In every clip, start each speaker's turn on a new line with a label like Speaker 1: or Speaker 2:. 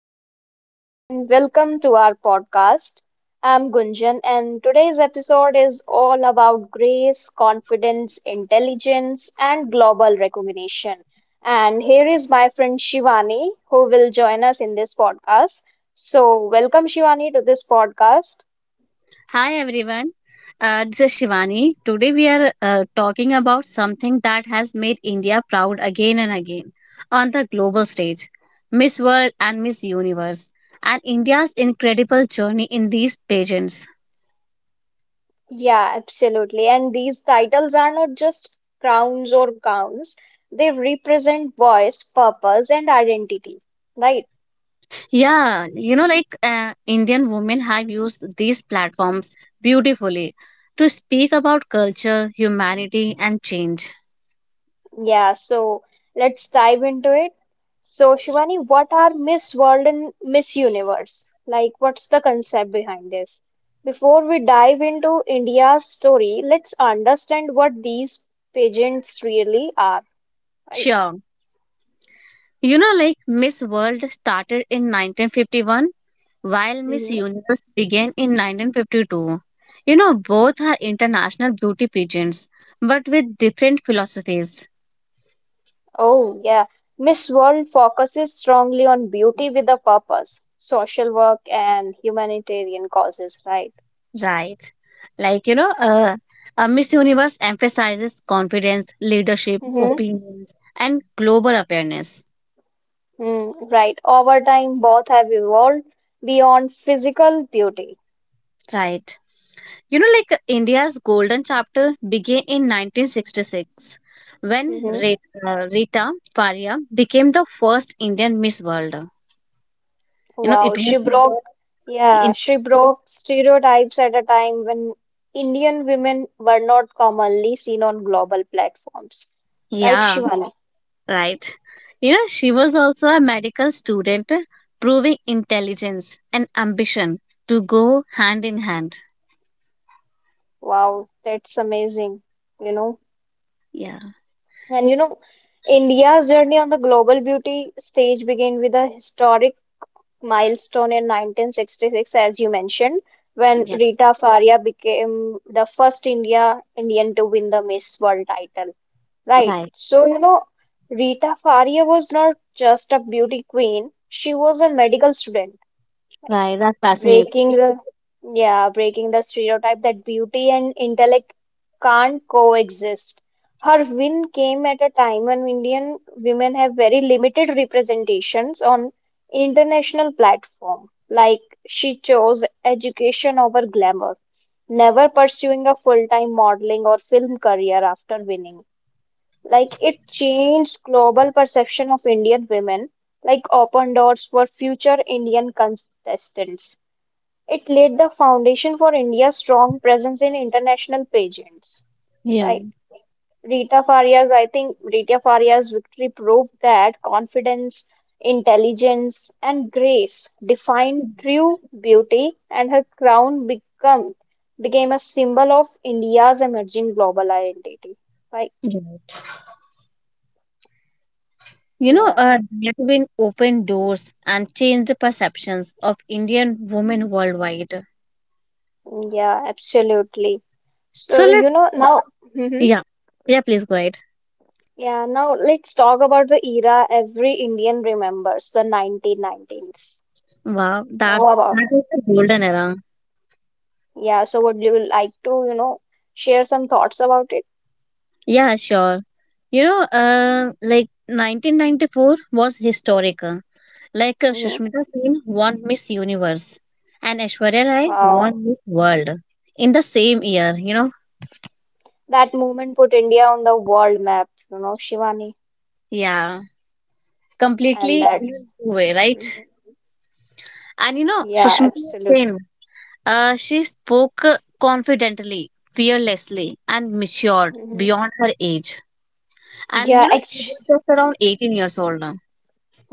Speaker 1: Hello everyone, and welcome to our podcast. I'm Gunjan, and today's episode is all about grace, confidence, intelligence, and global recognition. And here is my friend Shivani, who will join us in this podcast. So, welcome Shivani to this podcast.
Speaker 2: Hi everyone, this is Shivani. Today we are talking about something that has made India proud again and again on the global stage, Miss World and Miss Universe, and India's incredible journey in these pageants.
Speaker 1: Yeah, absolutely. And these titles are not just crowns or gowns, they represent voice, purpose, and identity, right?
Speaker 2: Yeah, you know, like Indian women have used these platforms beautifully to speak about culture, humanity, and change.
Speaker 1: Yeah, so let's dive into it. So, Shivani, what are Miss World and Miss Universe? Like, what's the concept behind this? Before we dive into India's story, let's understand what these pageants really are, right?
Speaker 2: Sure. You know, like Miss World started in 1951 while Miss
Speaker 1: Hmm.
Speaker 2: Universe began in 1952. You know, both are international beauty pageants, but with different philosophies,
Speaker 1: Oh, yeah. Miss World focuses strongly on beauty with a purpose, social work, and humanitarian causes, right?
Speaker 2: right? Like, you know, Miss Universe emphasizes confidence, leadership,
Speaker 1: Mm-hmm.
Speaker 2: opinions, and global awareness,
Speaker 1: Mm, right. Over time, both have evolved beyond physical beauty.
Speaker 2: right? You know, like India's golden chapter began in 1966 when
Speaker 1: Hmm.
Speaker 2: Rita Faria became the first Indian Miss World. You know,
Speaker 1: Wow,
Speaker 2: it was
Speaker 1: she broke, yeah,
Speaker 2: in.
Speaker 1: she broke stereotypes at a time when Indian women were not commonly seen on global platforms. Right,
Speaker 2: Yeah.
Speaker 1: Shivani?
Speaker 2: Right. You know, she was also a medical student, proving intelligence and ambition to go hand in hand.
Speaker 1: Wow, that's amazing, you know.
Speaker 2: Yeah,
Speaker 1: And you know, India's journey on the global beauty stage began with a historic milestone in 1966, as you mentioned, when
Speaker 2: yeah,
Speaker 1: Rita Faria became the first Indian to win the Miss World title. Right.
Speaker 2: right,
Speaker 1: So, you know, Rita Faria was not just a beauty queen, she was a medical student. Like,
Speaker 2: right. That's fascinating.
Speaker 1: breaking the yeah breaking the stereotype that beauty and intellect can't coexist. Her win came at a time when Indian women have very limited representations on international platform. Like, she chose education over glamour, never pursuing a full-time modeling or film career after winning. Like, it changed global perception of Indian women, like open doors for future Indian contestants. It laid the foundation for India's strong presence in international pageants.
Speaker 2: Yeah.
Speaker 1: Right? Rita Faria's victory proved that confidence, intelligence, and grace defined true beauty, and her crown become became a symbol of India's emerging global identity. Right?
Speaker 2: Yeah. You know,
Speaker 1: Yeah,
Speaker 2: Dietwin opened doors and changed perceptions of Indian women worldwide.
Speaker 1: yeah, absolutely.
Speaker 2: So
Speaker 1: So
Speaker 2: let,
Speaker 1: you know now.
Speaker 2: yeah, yeah, please go ahead.
Speaker 1: Yeah, now let's talk about the era every Indian remembers, 1990s.
Speaker 2: Wow,
Speaker 1: Know about.
Speaker 2: that is the golden era.
Speaker 1: Yeah, so would you like to, you know, share some thoughts about it?
Speaker 2: Yeah, sure. You know, like 1994 was historic. Like
Speaker 1: Hmm.
Speaker 2: Sushmita Singh won Miss Universe and Aishwarya Rai
Speaker 1: Wow.
Speaker 2: won Miss World in the same year, you know?
Speaker 1: That movement put India on the world map, you know, Shivani.
Speaker 2: Yeah,
Speaker 1: And
Speaker 2: completely
Speaker 1: that,
Speaker 2: in a new way, right? And you know,
Speaker 1: yeah,
Speaker 2: Sushmita
Speaker 1: absolutely.
Speaker 2: Singh, she spoke confidently, fearlessly, and matured
Speaker 1: Hmm.
Speaker 2: beyond her age. And
Speaker 1: Yeah,
Speaker 2: you know, she
Speaker 1: actually.
Speaker 2: was just around 18 years old now.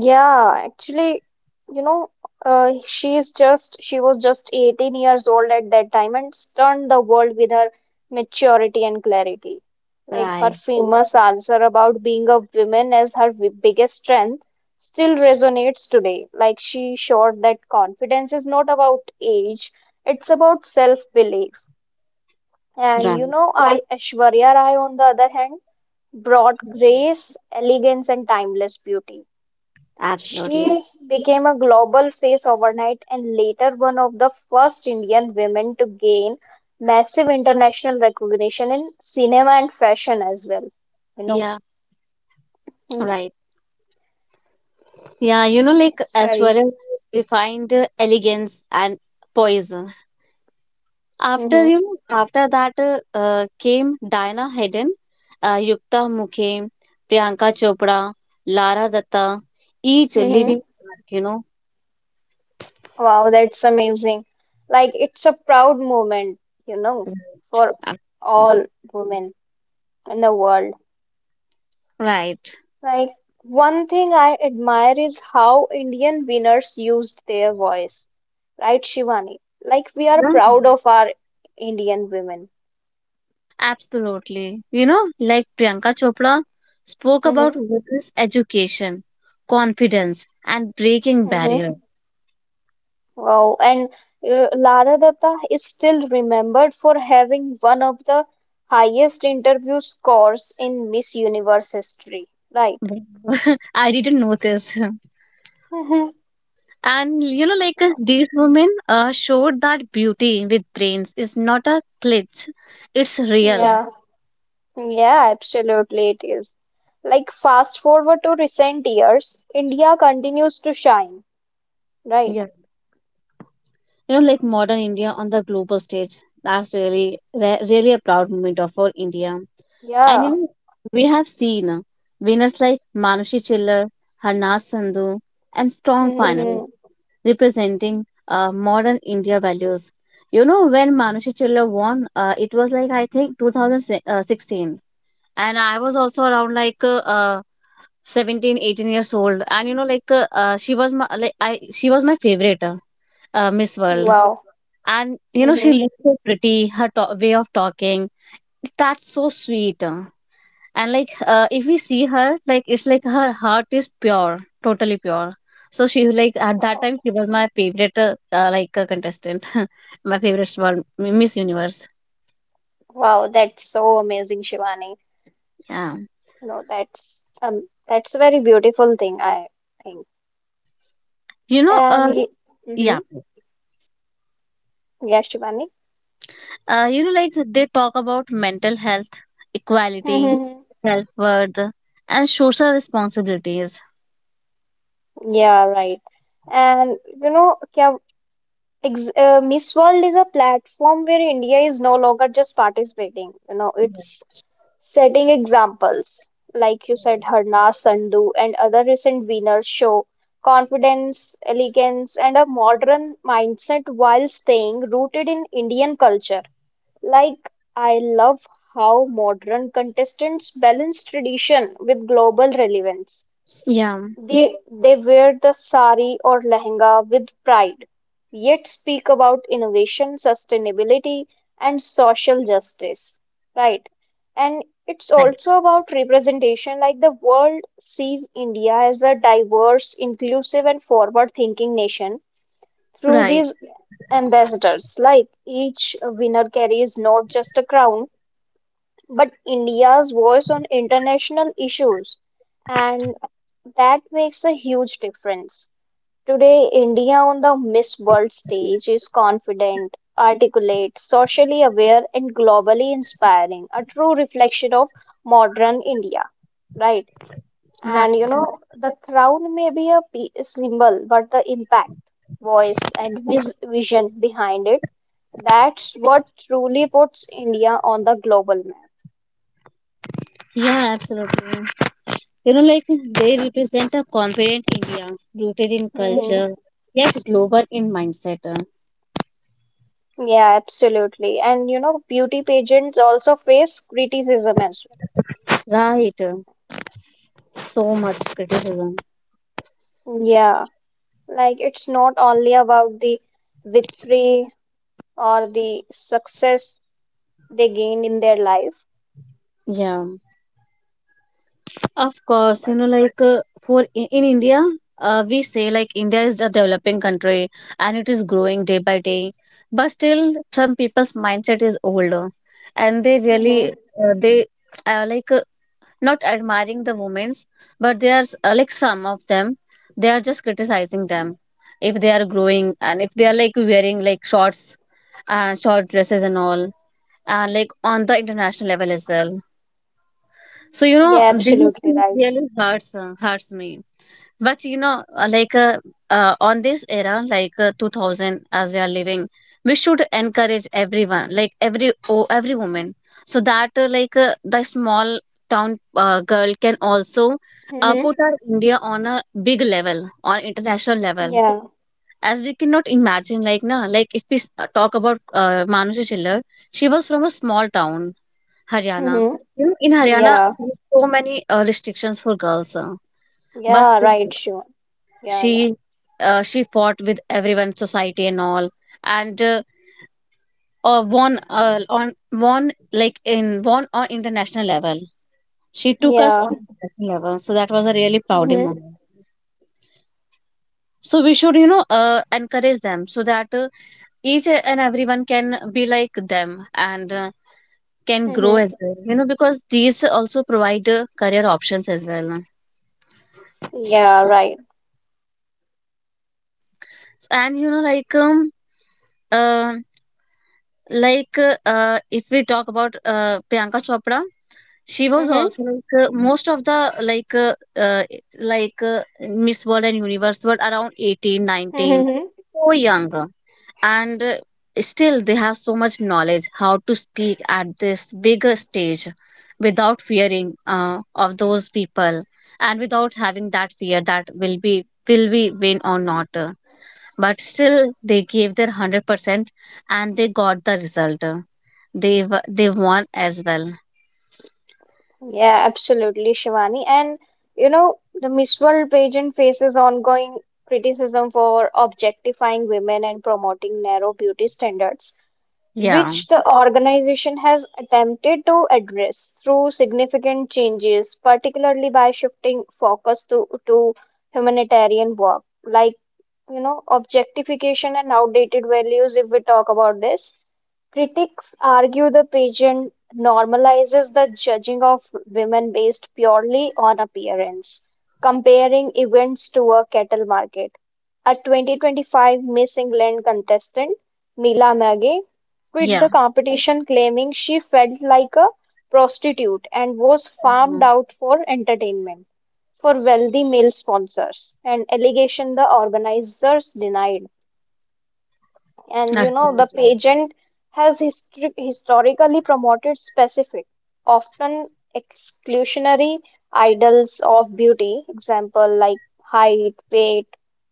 Speaker 1: Yeah, actually, you know, she was just 18 years old at that time and stunned the world with her maturity and clarity. Like her
Speaker 2: Right,
Speaker 1: famous answer about being a woman as her biggest strength still resonates today. Like she showed that confidence is not about age, it's about self-belief. And you
Speaker 2: right,
Speaker 1: know, I Aishwarya Rai on the other hand brought grace, elegance and timeless beauty.
Speaker 2: absolutely.
Speaker 1: She became a global face overnight and later one of the first Indian women to gain massive international recognition in cinema and fashion as well. You know,
Speaker 2: Yeah,
Speaker 1: mm,
Speaker 2: right. Yeah, you know, like
Speaker 1: that's very.
Speaker 2: Aishwarya Rai refined elegance and poise. After
Speaker 1: Hmm.
Speaker 2: you know, after that came Diana Hayden, Yukta Mukhe, Priyanka Chopra, Lara Datta, each
Speaker 1: Hmm.
Speaker 2: leaving mark, you know.
Speaker 1: Wow, that's amazing. Like, it's a proud moment, you know, for
Speaker 2: Absolutely.
Speaker 1: all women in the world.
Speaker 2: Right.
Speaker 1: Like, one thing I admire is how Indian winners used their voice, right, Shivani? Like, we are
Speaker 2: Yeah.
Speaker 1: proud of our Indian women.
Speaker 2: Absolutely. You know, like Priyanka Chopra spoke about
Speaker 1: Hmm.
Speaker 2: women's education, confidence, and breaking barrier.
Speaker 1: Hmm. Wow. And Lara Dutta is still remembered for having one of the highest interview scores in Miss Universe history, right?
Speaker 2: I didn't know this.
Speaker 1: Hmm.
Speaker 2: And you know, like these women showed that beauty with brains is not a glitch, it's real.
Speaker 1: Yeah, yeah, absolutely it is. Like fast forward to recent years, India continues to shine, right?
Speaker 2: Yeah. You know, like modern India on the global stage. That's really, really a proud moment of for India. And you
Speaker 1: Yeah.
Speaker 2: know, we have seen winners like Manushi Chiller, Harnas Sandhu, and Strong Final
Speaker 1: Yes.
Speaker 2: representing modern India values. You know, when Manushi Chiller won, it was like I think 2016. And I was also around like 17 18 years old, and you know, like she was my, like I she was my favorite Miss World.
Speaker 1: Wow.
Speaker 2: And you know, she
Speaker 1: Hmm.
Speaker 2: looked so pretty, her way of talking, that's so sweet. And like, if we see her, like, it's like her heart is pure, totally pure. So she, like, at that
Speaker 1: Wow.
Speaker 2: time she was my favorite like, contestant. My favorite one, Miss Universe.
Speaker 1: Wow, that's so amazing, Shivani.
Speaker 2: Yeah,
Speaker 1: You know, that's a very beautiful thing, I think.
Speaker 2: you know.
Speaker 1: And mm-hmm.
Speaker 2: Yeah.
Speaker 1: Yeah, Shivani.
Speaker 2: You know, like they talk about mental health, equality,
Speaker 1: Hmm.
Speaker 2: self worth, and social responsibilities.
Speaker 1: Yeah, right. And you know, क्या Ex Miss World is a platform where India is no longer just participating, you know, it's setting examples. Like you said, Harna, Sandhu, and other recent winners show confidence, elegance, and a modern mindset while staying rooted in Indian culture. Like, I love how modern contestants balance tradition with global relevance.
Speaker 2: Yeah,
Speaker 1: They wear the sari or lehenga with pride, yet speak about innovation, sustainability, and social justice, right? And it's
Speaker 2: right,
Speaker 1: also about representation, like the world sees India as a diverse, inclusive, and forward-thinking nation through
Speaker 2: right,
Speaker 1: these ambassadors. Like each winner carries not just a crown, but India's voice on international issues, and that makes a huge difference. Today, India on the Miss World stage is confident, articulate, socially aware, and globally inspiring, a true reflection of modern India, right?
Speaker 2: right.
Speaker 1: And you know, the crown may be a symbol, but the impact, voice, and vision behind it, that's what truly puts India on the global map.
Speaker 2: Yeah, absolutely. You know, like they represent a confident India rooted in
Speaker 1: Mhm.
Speaker 2: culture yet global in mindset.
Speaker 1: Yeah, absolutely. And you know, beauty pageants also face criticism as
Speaker 2: Right. So much criticism.
Speaker 1: well. Yeah, like it's not only about the victory or the success they gained in their life,
Speaker 2: Yeah. Of course,
Speaker 1: but
Speaker 2: you know, like in India, we say, like, India is a developing country and it is growing day by day. But still, some people's mindset is older, and they
Speaker 1: hmm,
Speaker 2: really they like, not admiring the women's, but they are, like, some of them, they are just criticizing them if they are growing, and if they are like wearing, like, shorts and short dresses and all, and like on the international level as well. So, you know,
Speaker 1: yeah,
Speaker 2: these
Speaker 1: absolutely
Speaker 2: things
Speaker 1: right.
Speaker 2: really hurts me. But you know, like, on this era, like, 2000, as we are living, we should encourage everyone, like every every woman, so that like, the small town girl can also
Speaker 1: Mm-hmm.
Speaker 2: put our India on a big level, on international level.
Speaker 1: Yeah.
Speaker 2: As we cannot imagine, like na, like if we talk about Manoj Chillar, she was from a small town, Haryana.
Speaker 1: Hmm.
Speaker 2: You know, in Haryana,
Speaker 1: Yeah.
Speaker 2: there are so many restrictions for girls. But
Speaker 1: Yeah, right,
Speaker 2: still,
Speaker 1: sure. Yeah, yeah.
Speaker 2: she she fought with everyone, society and all, and won, on won like in won on international level. She took us
Speaker 1: Yeah.
Speaker 2: on international level, so that was a really prouding
Speaker 1: Hmm.
Speaker 2: moment. So we should, you know, encourage them so that each and everyone can be like them and can grow as
Speaker 1: Hmm.
Speaker 2: well. You know, because these also provide career options as well.
Speaker 1: Yeah, right.
Speaker 2: And you know, uh, like if we talk about Priyanka Chopra, she was also like most of the, like uh, uh, like Miss World and Universe were around 18, 19,
Speaker 1: Mm-hmm.
Speaker 2: so young, and still they have so much knowledge how to speak at this bigger stage without fearing of those people, and without having that fear that will we win or not, but still they gave their 100%, and they got the result, they won as well.
Speaker 1: Yeah, absolutely, Shivani. And you know, the Miss World pageant faces ongoing criticism for objectifying women and promoting narrow beauty standards,
Speaker 2: Yeah.
Speaker 1: which the organization has attempted to address through significant changes, particularly by shifting focus to humanitarian work, like, you know, objectification and outdated values, if we talk about this. Critics argue the pageant normalizes the judging of women based purely on appearance, comparing events to a cattle market. A 2025 Miss England contestant, Mila Magee, quit
Speaker 2: Yeah.
Speaker 1: the competition claiming she felt like a prostitute and was farmed
Speaker 2: Mhm.
Speaker 1: out for entertainment for wealthy male sponsors, an allegation the organizers denied. And you
Speaker 2: That's
Speaker 1: know,
Speaker 2: really
Speaker 1: the
Speaker 2: good.
Speaker 1: pageant has historically promoted specific, often exclusionary idols of beauty, example like height, weight,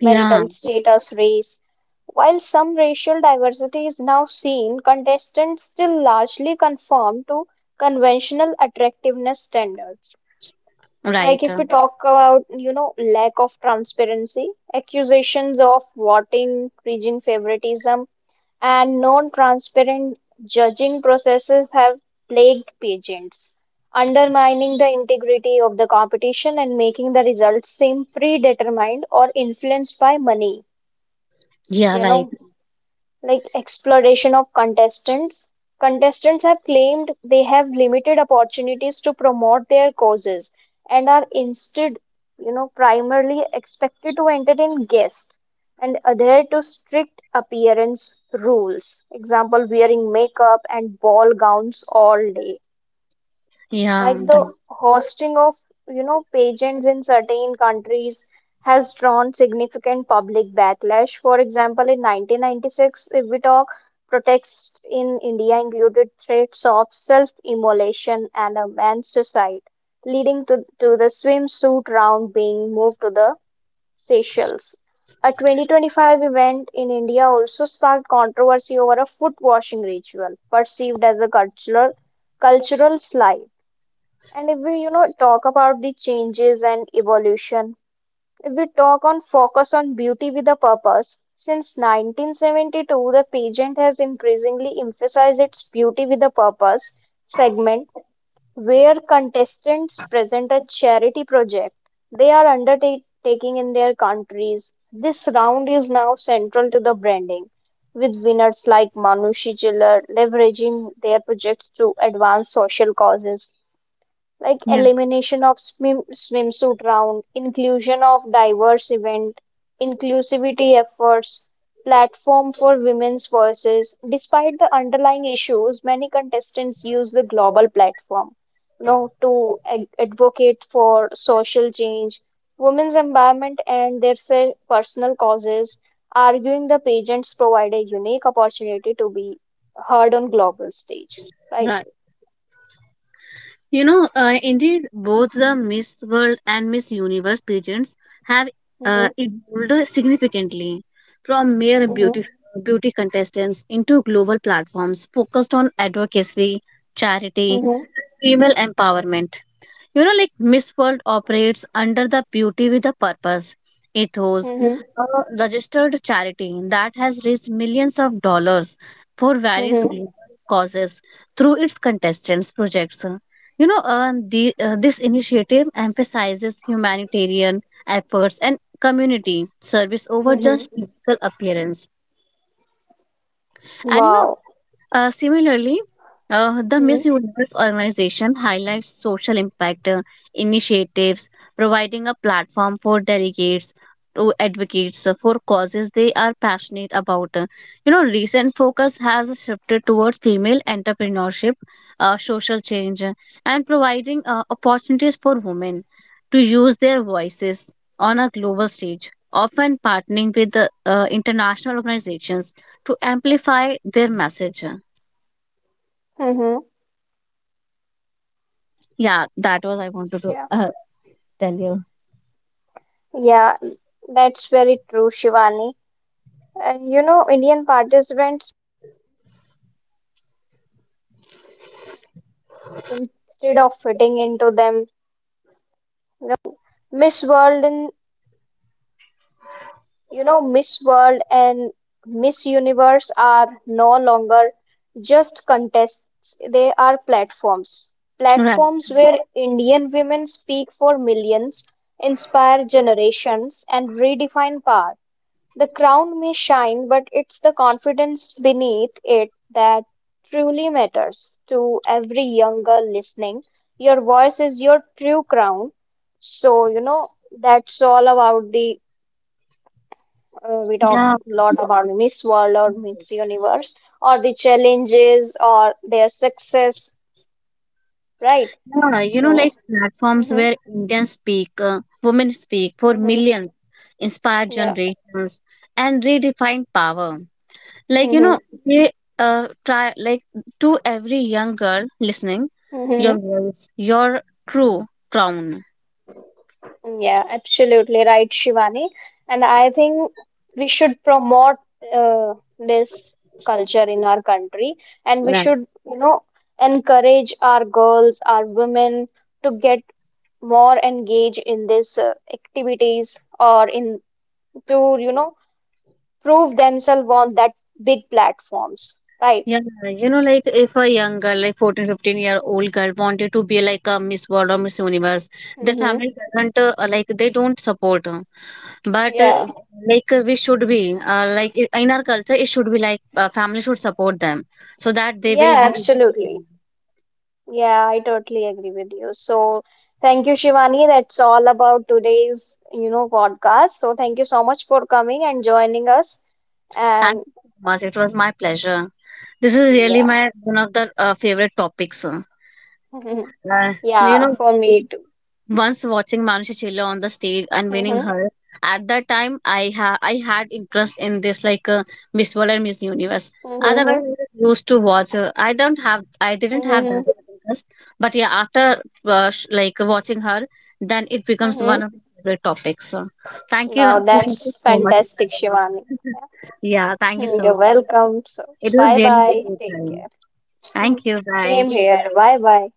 Speaker 2: Yeah,
Speaker 1: marital status, race. While some racial diversity is now seen, contestants still largely conform to conventional attractiveness standards. Like
Speaker 2: right.
Speaker 1: if we talk about, you know, lack of transparency, accusations of voting, region favoritism, and non-transparent judging processes have plagued pageants, undermining the integrity of the competition and making the results seem predetermined or influenced by money,
Speaker 2: Yeah,
Speaker 1: you
Speaker 2: right.
Speaker 1: know, like exploration of contestants. Contestants have claimed they have limited opportunities to promote their causes and are instead, you know, primarily expected to entertain guests and adhere to strict appearance rules. Example, wearing makeup and ball gowns all day.
Speaker 2: Yeah,
Speaker 1: Like the hosting of, you know, pageants in certain countries has drawn significant public backlash. For example, in 1996, if we talk, protests in India included threats of self-immolation and a man's suicide, leading to the swimsuit round being moved to the Seychelles. A 2025 event in India also sparked controversy over a foot washing ritual perceived as a cultural slight. And if we, you know, talk about the changes and evolution, if we talk on focus on beauty with a purpose, since 1972, the pageant has increasingly emphasized its beauty with a purpose segment, where contestants present a charity project they are undertaking in their countries. This round is now central to the branding, with winners like Manushi Chiller leveraging their projects to advance social causes like
Speaker 2: right.
Speaker 1: elimination of swimsuit round, inclusion of diverse event, inclusivity efforts, platform for women's voices. Despite the underlying issues, many contestants use the global platform, you know, to advocate for social change, women's empowerment, and their personal causes. Arguing the pageants provide a unique opportunity to be heard on global stage, right?
Speaker 2: Yeah. You know, indeed, both the Miss World and Miss Universe pageants have
Speaker 1: Mm-hmm.
Speaker 2: evolved significantly from mere
Speaker 1: Mm-hmm.
Speaker 2: beauty contestants into global platforms focused on advocacy, charity, female empowerment. You know, like Miss World operates under the beauty with a purpose ethos,
Speaker 1: Mm-hmm.
Speaker 2: a registered charity that has raised millions of dollars for various
Speaker 1: Mm-hmm.
Speaker 2: global causes through its contestants' projects. You know, this initiative emphasizes humanitarian efforts and community service over just
Speaker 1: Mm-hmm.
Speaker 2: physical appearance. And you know,
Speaker 1: Wow.
Speaker 2: similarly, the Miss Universe organization highlights social impact initiatives, providing a platform for delegates to advocates for causes they are passionate about. You know, recent focus has shifted towards female entrepreneurship, social change, and providing opportunities for women to use their voices on a global stage, often partnering with international organizations to amplify their message.
Speaker 1: Mm-hmm.
Speaker 2: Yeah, that was I wanted to
Speaker 1: Yeah.
Speaker 2: tell you.
Speaker 1: Yeah, that's very true, Shivani. And you know, Indian participants. You know, Miss World and Miss Universe are no longer just contests, they are platforms.
Speaker 2: Right.
Speaker 1: Platforms where Indian women speak for millions, inspire generations, and redefine power. The crown may shine, but it's the confidence beneath it that truly matters. To every young girl listening, your voice is your true crown. So, you know, that's all about the we talk
Speaker 2: Yeah.
Speaker 1: a lot about Miss World or Miss Universe or the challenges or their success, right?
Speaker 2: Yeah. You know,
Speaker 1: So,
Speaker 2: like platforms
Speaker 1: hmm,
Speaker 2: where Indians speak, women speak for
Speaker 1: hmm,
Speaker 2: millions, inspire
Speaker 1: yeah,
Speaker 2: generations, and redefine power. Like, you
Speaker 1: hmm,
Speaker 2: know, they try, like, to every young girl listening, your
Speaker 1: hmm,
Speaker 2: voice, your true crown.
Speaker 1: yeah, absolutely right, Shivani. And I think we should promote this culture in our country, and we
Speaker 2: Right.
Speaker 1: should, you know, encourage our girls, our women to get more engaged in this activities or in to you know prove themselves on that big platforms, right?
Speaker 2: Yeah, you know, like if a young girl, like 14, 15 year old girl, wanted to be like a Miss World or Miss Universe, the
Speaker 1: Mm-hmm.
Speaker 2: family doesn't, like, they don't support. But
Speaker 1: Yeah.
Speaker 2: like, we should be, like, in our culture, it should be like, family should support them so that they
Speaker 1: Yeah,
Speaker 2: will be.
Speaker 1: absolutely. Yeah, I totally agree with you. So, thank you, Shivani. That's all about today's, you know, podcast. So, thank you so much for coming and joining us.
Speaker 2: Thank
Speaker 1: And
Speaker 2: you so much. It was my pleasure. This is really
Speaker 1: yeah,
Speaker 2: my one of the favorite topics. Uh, you
Speaker 1: yeah,
Speaker 2: know.
Speaker 1: for me too.
Speaker 2: Once watching Manushachila on the stage and winning
Speaker 1: Mm-hmm.
Speaker 2: her, at that time I I had interest in this, like, Miss World and Miss Universe.
Speaker 1: Mm-hmm.
Speaker 2: Otherwise, I just used to watch. I didn't have
Speaker 1: Mm-hmm.
Speaker 2: that much interest, but yeah, after like watching her, then it becomes one of
Speaker 1: Mm-hmm.
Speaker 2: my favorite topics. So,
Speaker 1: Wow,
Speaker 2: thank you
Speaker 1: that's
Speaker 2: so much.
Speaker 1: fantastic, Shivani. Yeah.
Speaker 2: Yeah, thank you
Speaker 1: Hmm.
Speaker 2: so
Speaker 1: You're
Speaker 2: much.
Speaker 1: welcome. So,
Speaker 2: It was
Speaker 1: bye
Speaker 2: really
Speaker 1: bye.
Speaker 2: a great
Speaker 1: Take
Speaker 2: time.
Speaker 1: care.
Speaker 2: Thank you. Bye.
Speaker 1: Same here. Bye bye.